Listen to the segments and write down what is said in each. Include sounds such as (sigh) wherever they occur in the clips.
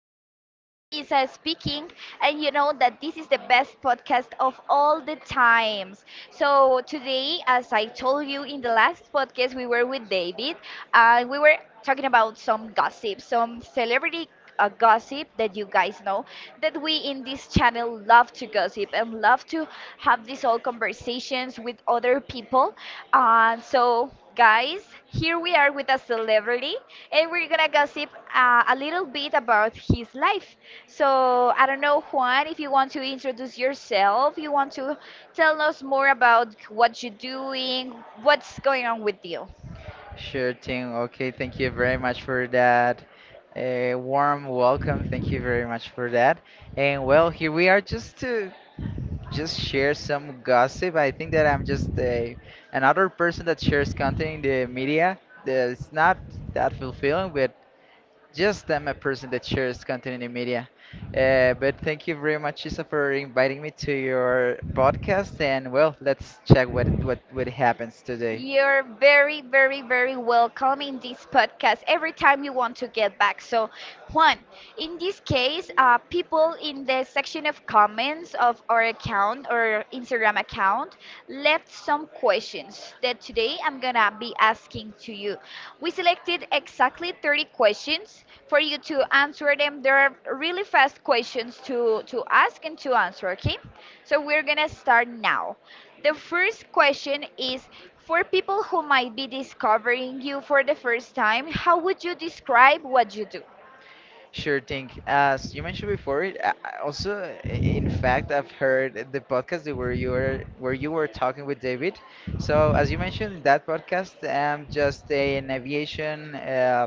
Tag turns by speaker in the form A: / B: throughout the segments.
A: podcast. This is Isa speaking, and you know that this is the best podcast of all the times. So, today, as I told you in the last podcast, we were with David and we were talking about some gossip, some celebrity gossip that you guys know that we in this channel love to gossip and love to have these all conversations with other people. And so, guys, here we are with a celebrity, and we're gonna gossip a little bit about his life. So, I don't know, Juan, if you want to introduce yourself, you want to tell us more about what you're doing, what's going on with you.
B: Sure thing. Okay, thank you very much for that. A warm welcome. Thank you very much for that. And well, here we are just to just share some gossip. I think that I'm just a another person that shares content in the media. That it's not that fulfilling, but just I'm a person that shares content in the media. But thank you very much, Isa, for inviting me to your podcast. And well, let's check what happens today.
A: You're very, very, very welcome in this podcast every time you want to get back. So, Juan, in this case, people in the section of comments of our account or Instagram account left some questions that today I'm gonna be asking to you. We selected exactly 30 questions for you to answer them. They're really fast questions to ask and to answer, okay? So, we're gonna start now. The first question is for people who might be discovering you for the first time, how would you describe what you do?
B: Sure thing. As you mentioned before, I also, in fact, I've heard the podcast that where you were talking with David. So, as you mentioned in that podcast, I'm just an aviation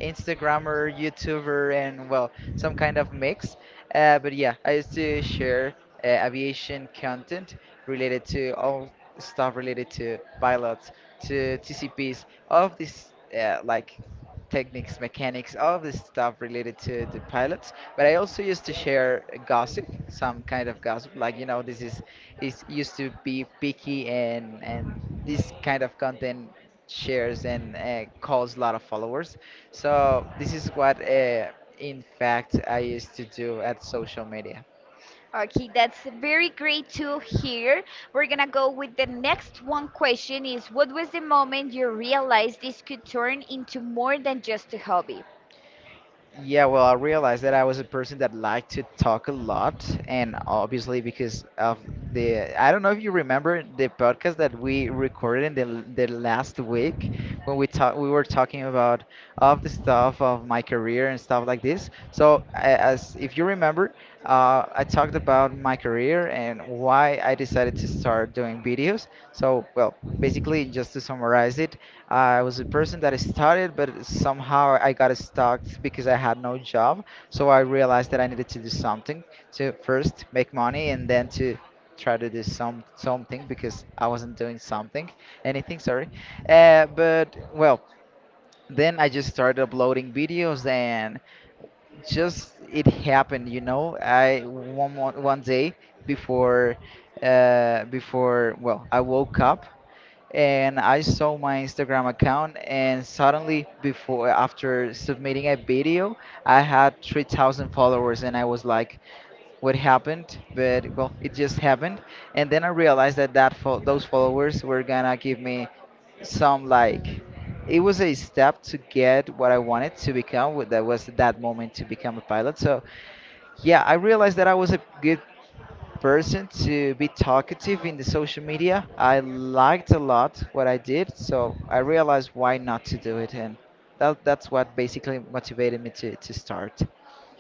B: Instagrammer, YouTuber, and well, some kind of mix. But yeah, I used to share aviation content related to all stuff related to pilots, to TCPs, all of this, like techniques, mechanics, all of this stuff related to the pilots. But I also used to share gossip, some kind of gossip, like this is used to be picky and this kind of content shares and calls a lot of followers. So this is what, in fact, I used to do at social media.
A: Okay, that's very great to hear. We're gonna go with the next one question is what was the moment you realized this could turn into more than just a hobby?
B: Yeah, well, I realized that I was a person that liked to talk a lot, and obviously because of the, I don't know if you remember the podcast that we recorded in the last week when we were talking about of the stuff of my career and stuff like this. So, as if you remember, I talked about my career and why I decided to start doing videos. So, well, basically, just to summarize it, I was a person that started, but somehow I got stuck because I had no job. So I realized that I needed to do something to first make money and then to try to do something because I wasn't doing something, anything, sorry. But well, then I just started uploading videos and just it happened, I one day before I woke up and I saw my Instagram account, and suddenly before after submitting a video, I had 3,000 followers, and I was like, what happened? But well, it just happened. And then I realized that those followers were gonna give me some, like, it was a step to get what I wanted, to become what that was, that moment, to become a pilot. So yeah, I realized that I was a good person to be talkative in the social media. I liked a lot what I did, so I realized why not to do it, and that's what basically motivated me to start.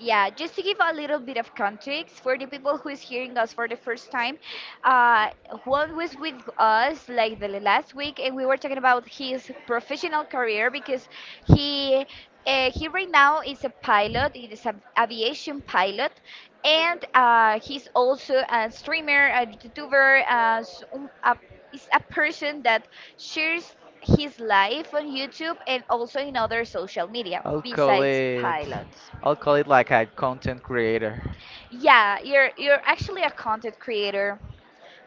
A: Yeah, just to give a little bit of context for the people who is hearing us for the first time, uh, Juan was with us like the last week, and we were talking about his professional career because he he right now is a pilot, he is an aviation pilot, and he's also a streamer, a YouTuber, is a person that shares his life on YouTube and also in other social media
B: I'll call
A: besides
B: it
A: pilots.
B: I'll call it like a content creator.
A: Yeah, you're actually a content creator.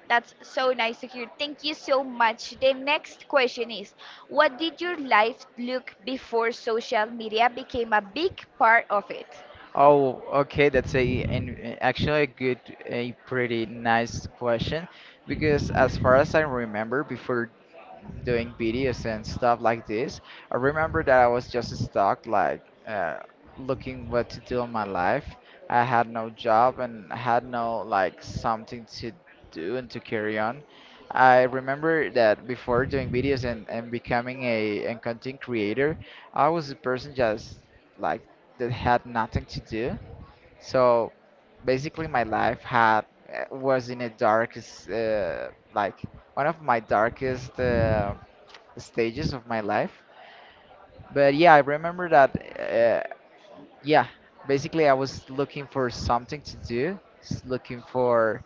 A: That's so nice to hear. Thank you so much. The next question is, what did your life look before social media became a big part of it?
B: Oh, okay, that's a an, actually a pretty nice question, because as far as I remember, before doing videos and stuff like this, I remember that I was just stuck, looking what to do in my life. I had no job, and I had no like something to do and to carry on. I remember that before doing videos and becoming a and content creator, I was a person just like that had nothing to do. So basically, my life was in a darkest, like one of my darkest stages of my life. But yeah, I remember that. Uh, yeah, basically, I was looking for something to do, looking for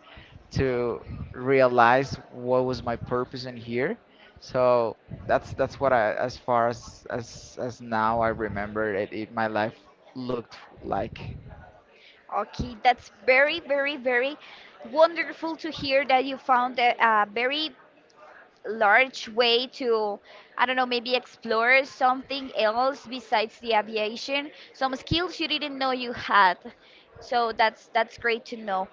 B: to realize what was my purpose in here. So that's what I, as far as now I remember it, it my life looked like.
A: Okay, that's very, very, very wonderful to hear that you found a very large way to, I don't know, maybe explore something else besides the aviation, some skills you didn't know you had. So that's great to know.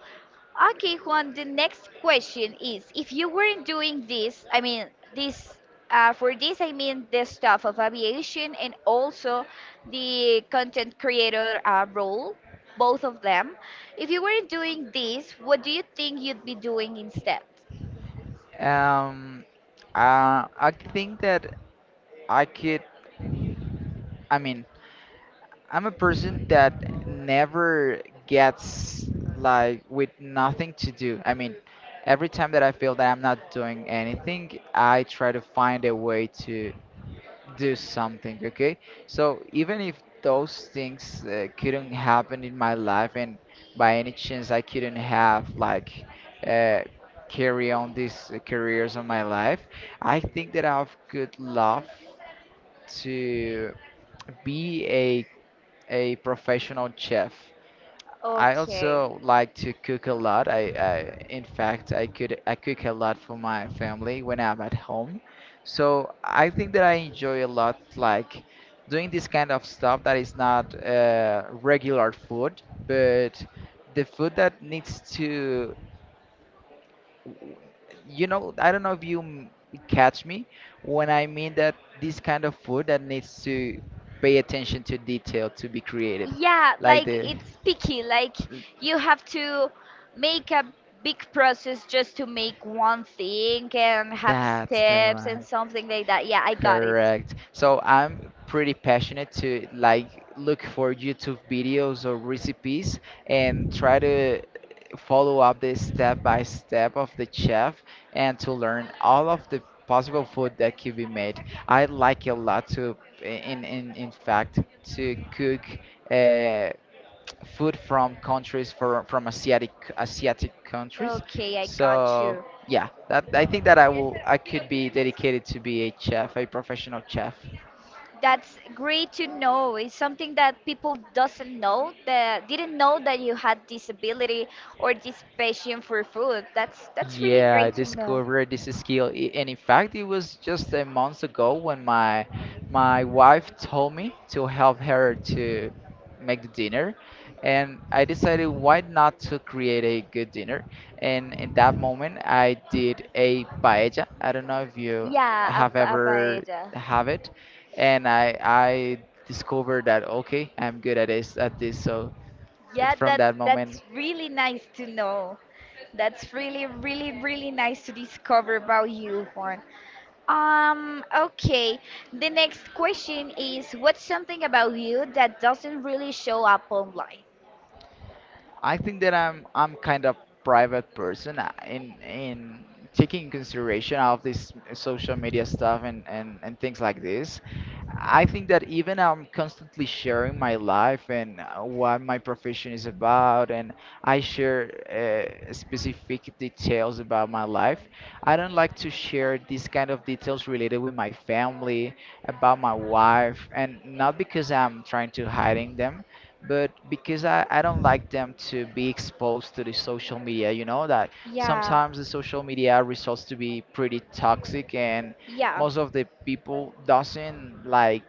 A: Okay, Juan, the next question is if you weren't doing this, I mean, this, for this, I mean the stuff of aviation and also the content creator role, both of them. If you weren't doing this, what do you think you'd be doing instead?
B: Um, I think that I could. I mean, I'm a person that never gets like with nothing to do. I mean, every time that I feel that I'm not doing anything, I try to find a way to do something. Okay, so even if those things couldn't happen in my life, and by any chance I couldn't have, like, uh, carry on these careers on my life, I think that I've could love to be a professional chef. I
A: Okay.
B: also like to cook a lot. I in fact I cook a lot for my family when I'm at home. So I think that I enjoy a lot, like, doing this kind of stuff that is not regular food, but the food that needs to, you know, I don't know if you catch me when I mean that this kind of food that needs to pay attention to detail to be created.
A: Yeah,
B: Like
A: like
B: the
A: it's picky. Like you have to make a big process just to make one thing and have
B: That's the
A: steps and
B: one.
A: something like that. Yeah, I got it.
B: Correct. So I'm pretty passionate to like look for YouTube videos or recipes and try to follow up the step by step of the chef and to learn all of the possible food that could be made. I like a lot to in fact to cook uh, food from countries from Asiatic countries.
A: Okay, I got
B: So
A: you.
B: yeah, that I think that I could be dedicated to be a chef, a professional chef.
A: That's great to know. It's something that people doesn't know that didn't know that you had this ability or this passion for food. That's really
B: Yeah, I
A: great to know.
B: discovered this skill, and in fact, it was just a month ago when my wife told me to help her to make the dinner, and I decided why not to create a good dinner. And in that moment, I did a paella. I don't know if you
A: Yeah,
B: have
A: a
B: ever
A: paella.
B: have it, and I discovered that, okay, I'm good at this. So
A: Yeah,
B: from
A: that
B: that moment.
A: that's really nice to know. That's really, really, really nice to discover about you, Juan. Okay. The next question is, what's something about you that doesn't really show up online?
B: I think that I'm kind of private person, in taking consideration of this social media stuff and things like this. I think that even I'm constantly sharing my life and, what my profession is about, and I share specific details about my life. I don't like to share these kind of details related with my family, about my wife, and not because I'm trying to hiding them, but because I don't like them to be exposed to the social media. You know that
A: Yeah,
B: sometimes the social media results to be pretty toxic, and
A: yeah,
B: most of the people doesn't like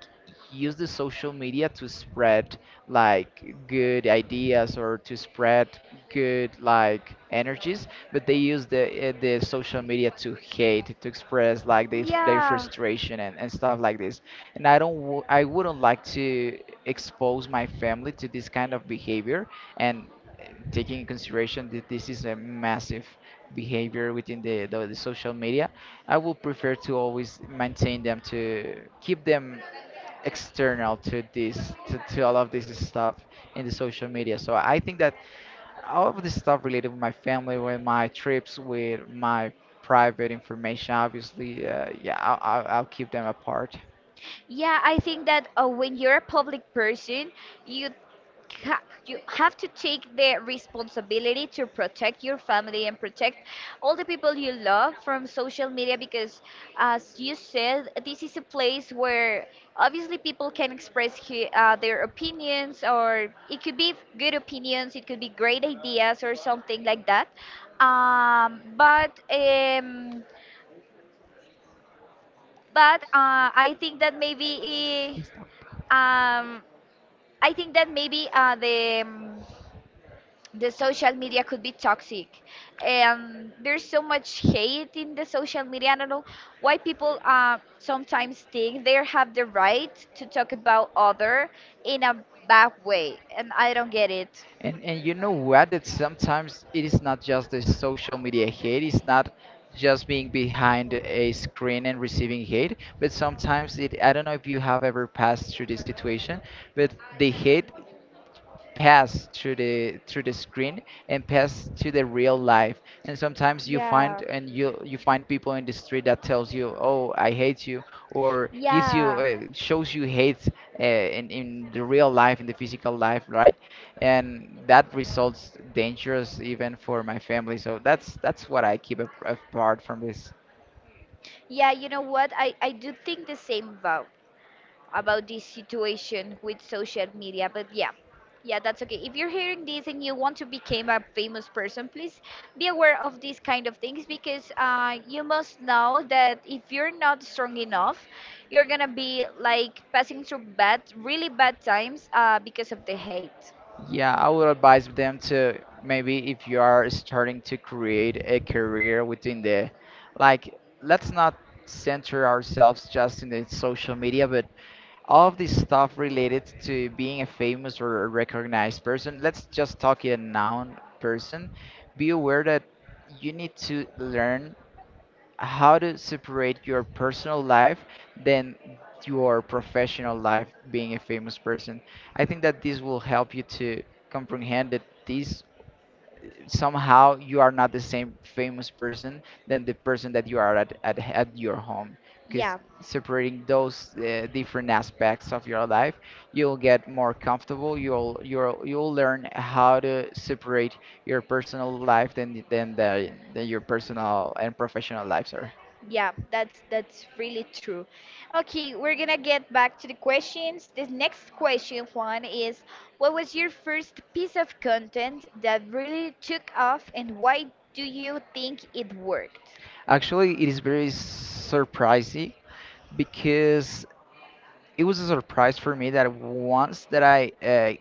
B: use the social media to spread like good ideas, or to spread good like energies, but they use the social media to hate, to express like their
A: yeah,
B: frustration and stuff like this. And I don't w- I wouldn't like to expose my family to this kind of behavior, and, uh, taking in consideration that this is a massive behavior within the social media, I will prefer to always maintain them, to keep them external to to all of this stuff in the social media. So I think that all of this stuff related with my family, with my trips, with my private information, obviously, yeah, I'll keep them apart.
A: yeah. I think that when you're a public person, you you have to take the responsibility to protect your family and protect all the people you love from social media, because as you said, this is a place where obviously people can express their opinions, or it could be good opinions, it could be great ideas or something like that, but I think that maybe um, i think that maybe uh, the um, the social media could be toxic. And there's so much hate in the social media. I don't know why people sometimes think they have the right to talk about other in a bad way, and I don't get it.
B: And you know what? That sometimes it is not just the social media hate. It's not just being behind a screen and receiving hate. But sometimes it. I don't know if you have ever passed through this situation, but the hate pass through the screen and pass to the real life, and sometimes you find,
A: Yeah,
B: and you find people in the street that tells you, oh, I hate you, or gives you,
A: yeah,
B: shows you hate, in the real life, in the physical life, right? And that results dangerous even for my family, so that's what I keep apart from this.
A: yeah, you know what, I do think the same about this situation with social media. But yeah, yeah, that's okay. If you're hearing this and you want to become a famous person, please be aware of these kind of things, because you must know that if you're not strong enough, you're gonna be like passing through bad, really bad times because of the hate.
B: Yeah, I would advise them to maybe if you are starting to create a career within the, like, let's not center ourselves just in the social media, but all of this stuff related to being a famous or a recognized person. Let's just talk in a noun person. Be aware that you need to learn how to separate your personal life than your professional life being a famous person. I think that this will help you to comprehend that this somehow you are not the same famous person than the person that you are at your home, because
A: Yeah,
B: separating those different aspects of your life, you'll get more comfortable, you'll learn how to separate your personal life than the than your personal and professional lives are.
A: yeah, that's really true. Okay, we're gonna get back to the questions. This next question, Juan, is what was your first piece of content that really took off, and why do you think it worked?
B: Actually, it is very surprising because it was a surprise for me that once that I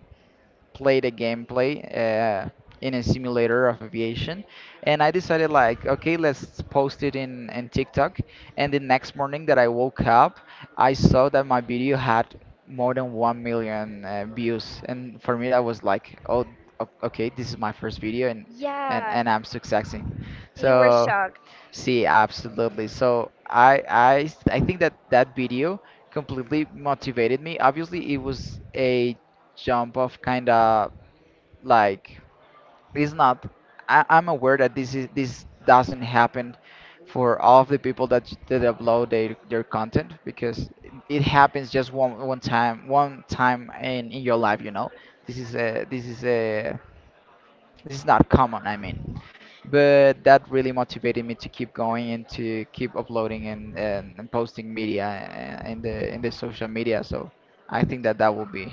B: played a gameplay, in a simulator of aviation, and I decided like, okay, let's post it in TikTok. And the next morning that I woke up, I saw that my video had more than 1 million views, and for me that was like, oh, okay, this is my first video, and
A: Yeah,
B: and I'm successing.
A: you were
B: So,
A: shocked.
B: see, absolutely. So I think that that video completely motivated me. Obviously, it was a jump of kind of like it's not I'm aware that this doesn't happen for all of the people that, that upload their content because it happens just one time one time in your life. this is a this is a this is not common. But that really motivated me to keep going and to keep uploading and posting media in the social media. So I think that that will be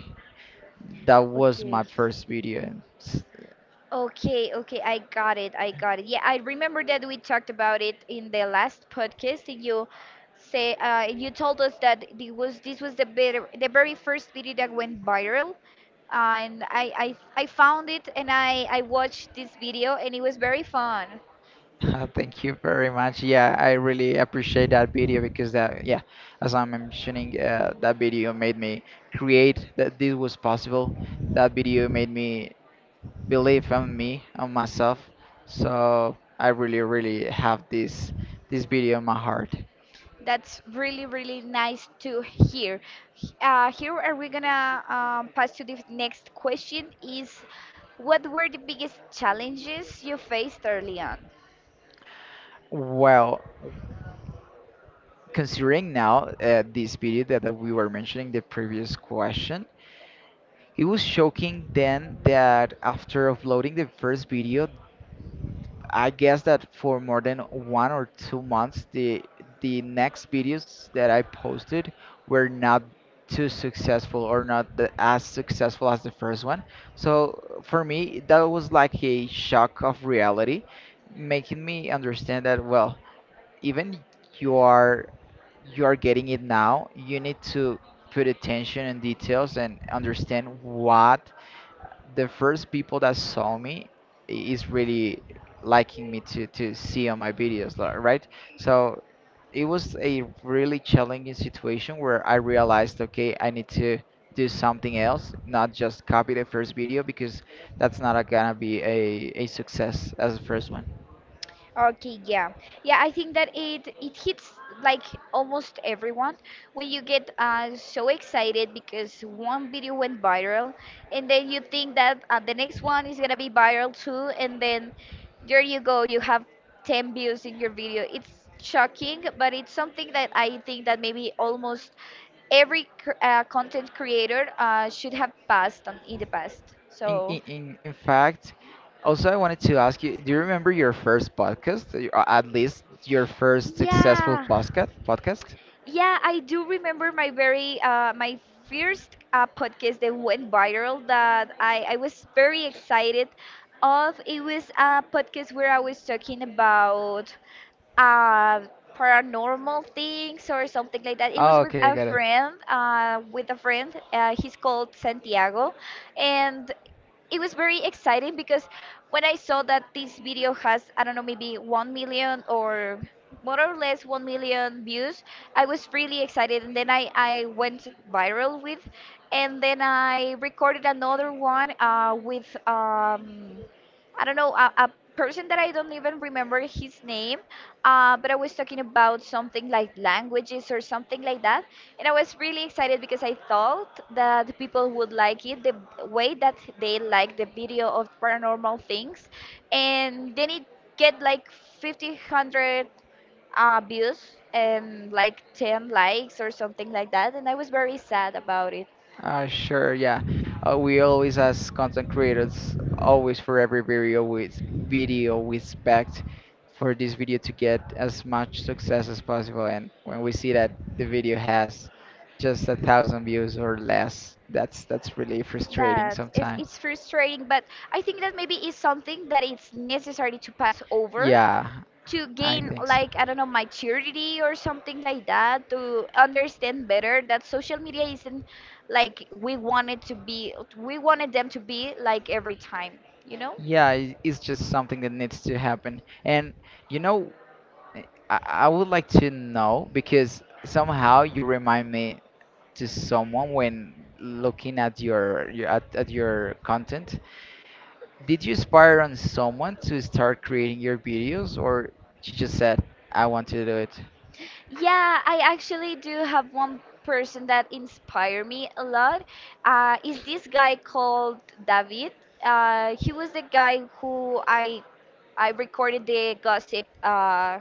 B: that was
A: Okay.
B: my first video. S-
A: Okay, okay, I got it. I got it. Yeah, I remember that we talked about it in the last podcast, and you told us that it was this was the very first video that went viral, and I found it, and I watched this video and it was very fun.
B: (laughs) Thank you very much. Yeah, I really appreciate that video because yeah, as I'm mentioning, that video made me create that this was possible. That video made me believe on me, on myself. So I really, really have this video in my heart.
A: That's really, really nice to hear. Here are we gonna pass to the next question is what were the biggest challenges you faced early on?
B: Well, considering now this video that we were mentioning the previous question, it was shocking then that after uploading the first video, I guess that for more than 1 or 2 months, the next videos that I posted were not too successful or not as successful as the first one. So for me, that was like a shock of reality, making me understand that, well, even you are you are getting it now, you need to put attention and details and understand what the first people that saw me is really liking me to see on my videos right. So it was a really challenging situation where I realized, okay, I need to do something else, not just copy the first video because that's not gonna be a success as the first one.
A: Okay, yeah. Yeah, I think that it hits like almost everyone when you get so excited because one video went viral, and then you think that the next one is gonna be viral too, and then there you go, you have 10 views in your video. It's shocking, but it's something that I think that maybe almost every content creator should have passed on in the past.
B: in,
A: So,
B: in in in fact, also I wanted to ask you, do you remember your first podcast or at least your first successful
A: yeah.
B: podcast?
A: Yeah, I do remember my very my first podcast that went viral that I was very excited of. It was a podcast where I was talking about uh, paranormal things or something like that. It was
B: Oh,
A: with
B: okay,
A: a
B: got it.
A: friend, uh, with a friend. He's called Santiago, and it was very exciting because when I saw that this video has, I don't know, maybe 1 million or more or less 1 million views, I was really excited. And then I went viral with, and then I recorded another one with, I don't know, a person that I don't even remember his name, but I was talking about something like languages or something like that. And I was really excited because I thought that the people would like it the way that they like the video of paranormal things. And then it get like 50, 100 views and like 10 likes or something like that. And I was very sad about it.
B: Sure, yeah. We always, as content creators, always for every video we expect for this video to get as much success as possible. And when we see that the video has just 1,000 views or less, that's really frustrating
A: That is, it's
B: sometimes.
A: frustrating, but I think that maybe it's something that it's necessary to pass over
B: Yeah,
A: to
B: I
A: gain
B: think so.
A: like, I don't know, maturity or something like that, to understand better that social media isn't like we wanted them to be like every time, you know?
B: Yeah, it's just something that needs to happen. And you know, eh, I, I would like to know because somehow you remind me to someone when looking at your at your content. Did you inspire on someone to start creating your videos or you just said, I want to do it?
A: Yeah, I actually do have one person that inspired me a lot. Is this guy called David? He was the guy who I recorded the gossip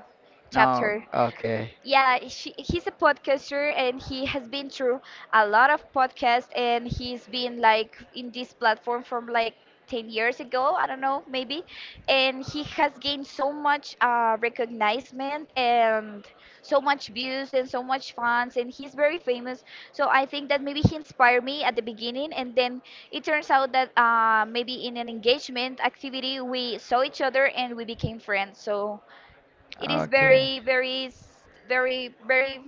B: No,
A: chapter.
B: okay.
A: Yeah, he's a podcaster, and he has been through a lot of podcasts, and he's been like in this platform from like 10 years ago, I don't know, maybe. And he has gained so much recognition and so much views and so much fans, and he's very famous. So I think that maybe he inspired me at the beginning, and then it turns out that maybe in an engagement activity we saw each other and we became friends. So it is
B: Okay.
A: very very s- very very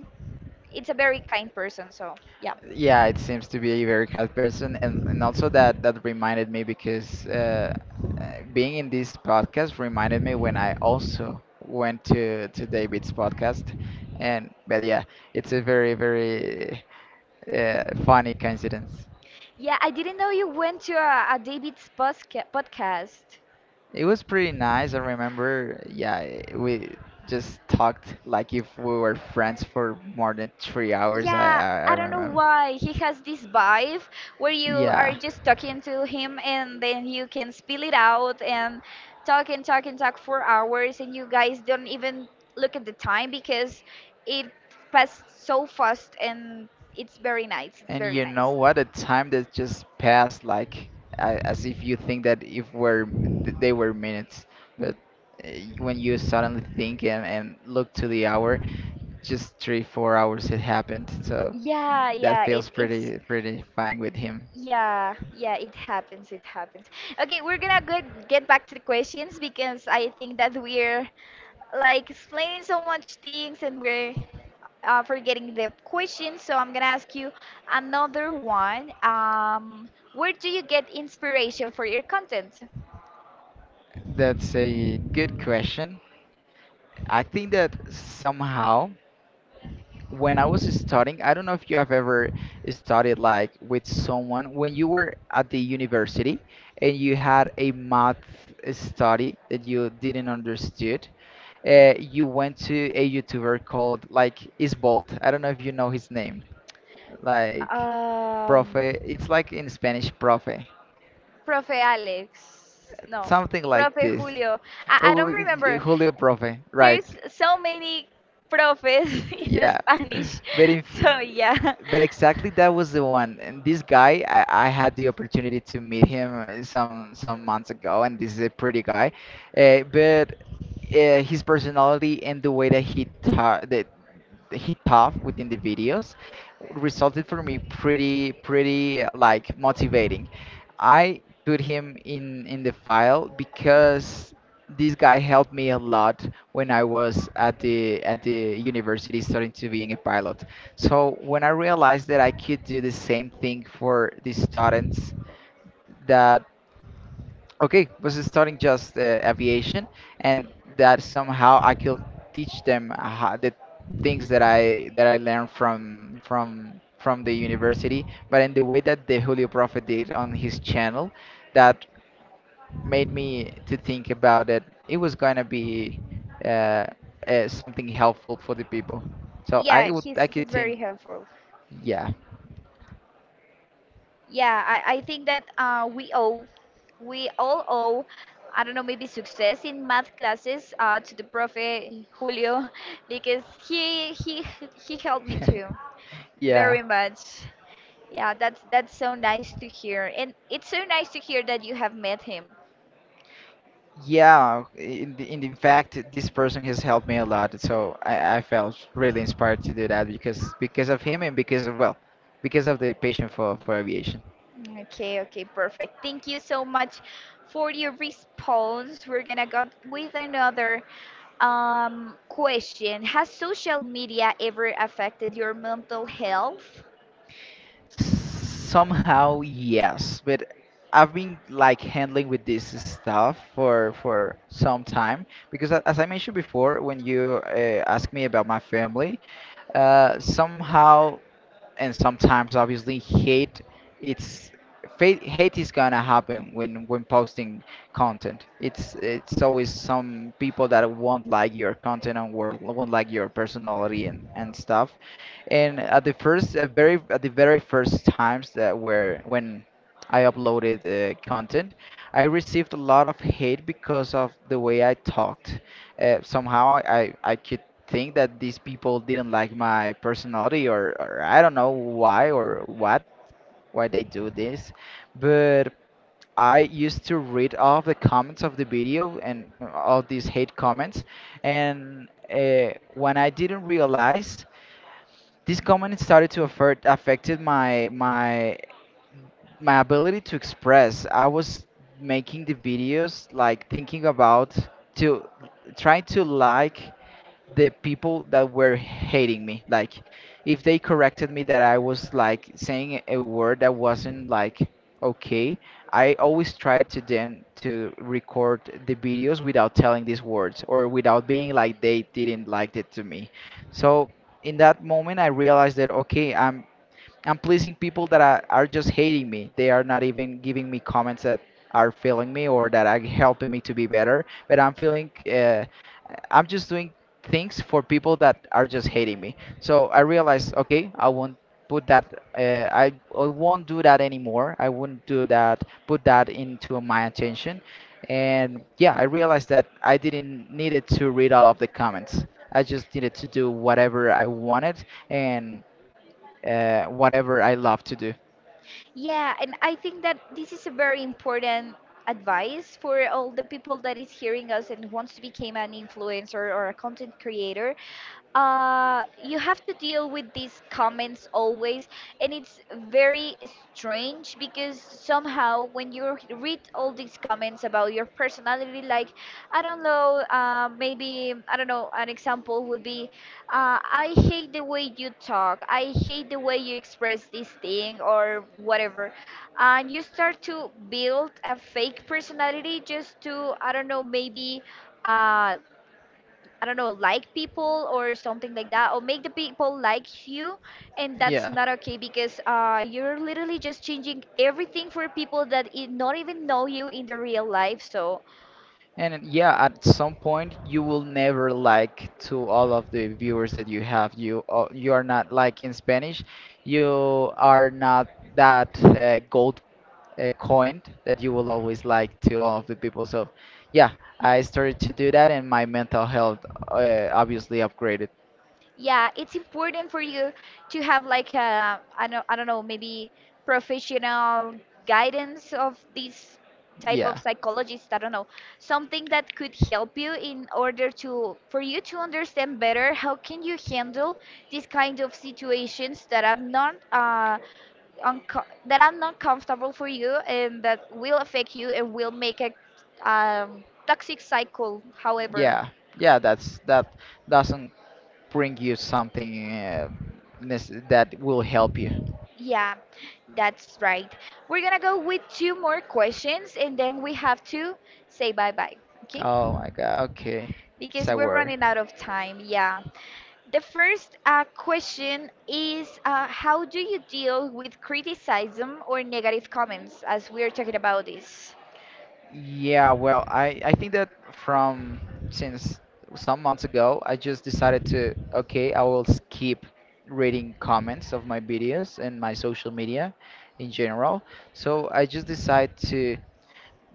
A: it's a very kind person, so yeah.
B: Yeah, it seems to be a very kind person, and also that that reminded me because uh, being in this podcast reminded me when I also went to David's podcast, and but yeah, it's a very very funny coincidence.
A: Yeah, I didn't know you went to a David's podcast.
B: It was pretty nice. I remember, yeah, we just talked like if we were friends for more than 3 hours.
A: Yeah,
B: I
A: I don't know
B: remember.
A: why he has this vibe where you are
B: Yeah.
A: just talking to him and then you can spill it out and talk and talk and talk for hours, and you guys don't even look at the time because it passed so fast. And it's very nice, it's
B: And
A: very
B: you know
A: nice.
B: what? The time that just passed, like as if you think that if were they were minutes, but uh, when you suddenly think and look to the hour, just 3, 4 hours it happened. So
A: Yeah,
B: that
A: yeah,
B: feels
A: it's.
B: pretty pretty fine with him.
A: Yeah, yeah, it happens. It happens. Okay, we're gonna go get back to the questions, because I think that we're like explaining so much things, and we're forgetting the questions. So I'm gonna ask you another one. Where do you get inspiration for your content?
B: That's a good question. I think that somehow when I was studying, I don't know if you have ever studied like with someone when you were at the university and you had a math study that you didn't understood. You went to a YouTuber called like Isbolt. I don't know if you know his name, like
A: Um,
B: Profe. It's like in Spanish, Profe,
A: Profe Alex. No,
B: something like
A: Profe
B: this.
A: Julio. I
B: Oh, oh,
A: don't
B: oh,
A: remember.
B: Julio Profe, right?
A: There's so many profes (laughs) in
B: Yeah,
A: Spanish.
B: but if,
A: So yeah.
B: but exactly that was the one. And this guy, I had the opportunity to meet him some months ago, and this is a pretty guy. But His personality and the way that he ta- that he talked within the videos resulted for me pretty pretty like motivating. I put him in the file because this guy helped me a lot when I was at the university starting to being a pilot. So when I realized that I could do the same thing for the students that okay was studying just aviation and that somehow I could teach them how, the things that I learned from the university but in the way that the Julio Prophet did on his channel, that made me to think about it. It was going to be uh, something helpful for the people. So I
A: Yeah,
B: would
A: he's
B: I could
A: he's
B: think.
A: very helpful.
B: Yeah.
A: Yeah, I think that we all owe, I don't know, maybe success in math classes to the profe Julio, because he helped me too
B: (laughs) Yeah.
A: very much. Yeah, that's so nice to hear, and it's so nice to hear that you have met him.
B: Yeah, in in fact, this person has helped me a lot, so I felt really inspired to do that because of him and because of, well, because of the passion for aviation.
A: Okay, okay, perfect. Thank you so much for your response. We're gonna go with another question. Has social media ever affected your mental health?
B: Somehow, yes, but I've been like handling with this stuff for some time because as I mentioned before, when you asked me about my family, somehow and sometimes obviously it's hate is gonna happen when posting content. It's always some people that won't like your content and won't like your personality and stuff. And at the very first times that were when I uploaded content, I received a lot of hate because of the way I talked. Somehow I could think that these people didn't like my personality or I don't know why or what why they do this. But I used to read all the comments of the video and all these hate comments. And when I didn't realize, this comment started to affected my ability to express. I was making the videos like thinking about to trying to like the people that were hating me. Like if they corrected me that I was like saying a word that wasn't like okay, I always tried to then to record the videos without telling these words or without being like they didn't like it to me. So in that moment, I realized that, okay, I'm pleasing people that are just hating me. They are not even giving me comments that are feeling me or that are helping me to be better. But I'm feeling, I'm just doing things for people that are just hating me. So I realized, okay, I won't put that. I won't do that anymore. I wouldn't do that. Put that into my attention. And yeah, I realized that I didn't needed to read all of the comments. I just needed to do whatever I wanted and whatever I love to do.
A: Yeah, and I think that this is a very important advice for all the people that is hearing us and wants to become an influencer or a content creator. You have to deal with these comments always, and it's very strange because somehow when you read all these comments about your personality, like, I don't know, maybe I don't know, an example would be, I hate the way you talk, I hate the way you express this thing or whatever, and you start to build a fake personality just to, I don't know, maybe, uh, I don't know, like people or something like that, or make the people like you, and that's
B: Yeah.
A: not okay because you're literally just changing everything for people that not even know you in the real life. So
B: And yeah, at some point you will never like to all of the viewers that you have. You are not, like in Spanish, you are not that gold coined that you will always like to all of the people. So yeah, I started to do that, and my mental health obviously upgraded.
A: yeah, it's important for you to have like a, I don't know, maybe professional guidance of this type of
B: Yeah,
A: psychologist. I don't know, something that could help you in order to, for you to understand better how can you handle these kind of situations that are not comfortable for you, and that will affect you and will make a toxic cycle, however.
B: yeah, yeah. That doesn't bring you something that will help you.
A: Yeah, that's right. We're gonna go with two more questions, and then we have to say bye bye, okay?
B: Oh my God. Okay, it's
A: Because
B: a
A: we're
B: worry.
A: running out of time, yeah. The first question is how do you deal with criticism or negative comments, as we're talking about this?
B: Yeah. Well, I think that from since some months ago, I just decided to, okay, I will skip reading comments of my videos and my social media in general. So I just decided to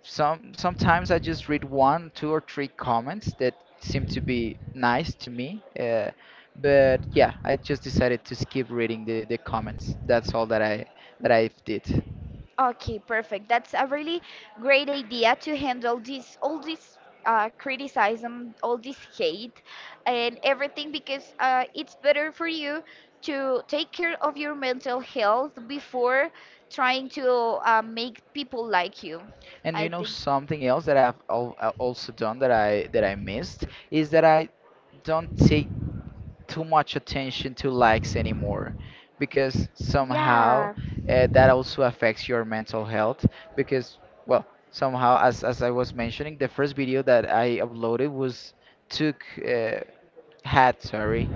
B: sometimes I just read 1, 2, or 3 comments that seem to be nice to me. But yeah, I just decided to skip reading the comments. That's all that I did.
A: Okay, perfect. That's a really great idea to handle this, all this criticism, all this hate, and everything, because it's better for you to take care of your mental health before trying to make people like you.
B: And do you
A: I
B: know
A: think.
B: something else that also done that I missed is that I don't take too much attention to likes anymore because somehow
A: Yeah.
B: that also affects your mental health because, well, somehow as I was mentioning, the first video that I uploaded was took had, sorry,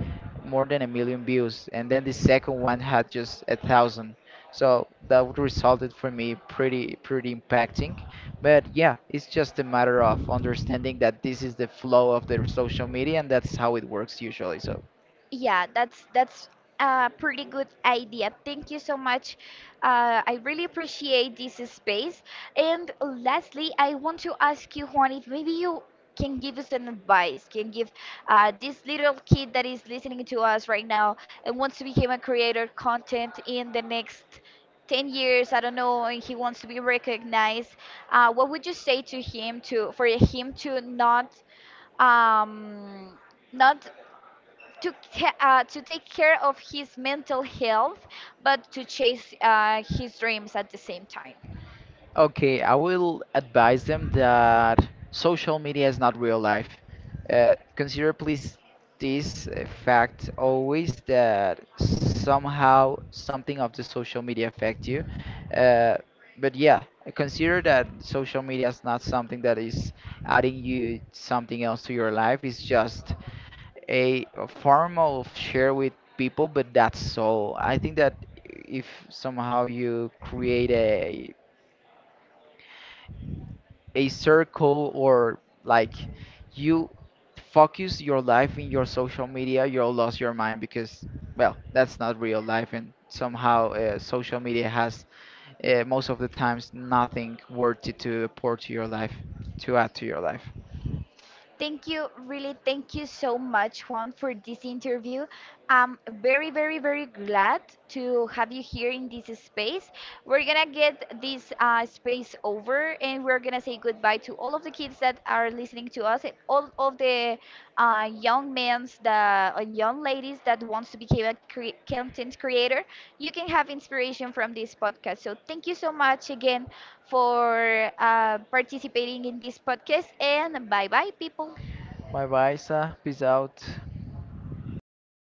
B: more than 1,000,000 views, and then the second one had just 1,000. So that would resulted for me pretty pretty impacting. But yeah, it's just a matter of understanding that this is the flow of their social media and that's how it works usually. So
A: Yeah, that's a pretty good idea. Thank you so much. I really appreciate this space. And lastly, I want to ask you, Juan, if maybe you can give us an advice, can give this little kid that is listening to us right now and wants to become a creator content in the next 10 years, I don't know, and he wants to be recognized. What would you say to him, to for him to not um, not to ca- to take care of his mental health, but to chase his dreams at the same time.
B: okay, I will advise them that social media is not real life. Consider, please, this fact always that somehow something of the social media affect you. Uh, but yeah, consider that social media is not something that is adding you something else to your life. It's just a form of share with people, but that's all. I think that if somehow you create a circle or like you focus your life in your social media, you'll lose your mind because, well, that's not real life, and somehow social media has most of the times nothing worthy to pour to your life, to add to your life.
A: Thank you, really, thank you so much, Juan, for this interview. I'm very, very, very glad to have you here in this space. We're gonna get this space over, and we're gonna say goodbye to all of the kids that are listening to us and all of the young men, the young ladies that wants to become a content creator. You can have inspiration from this podcast. So thank you so much again for participating in this podcast. And bye bye, people.
B: Bye bye, Isa. Peace out.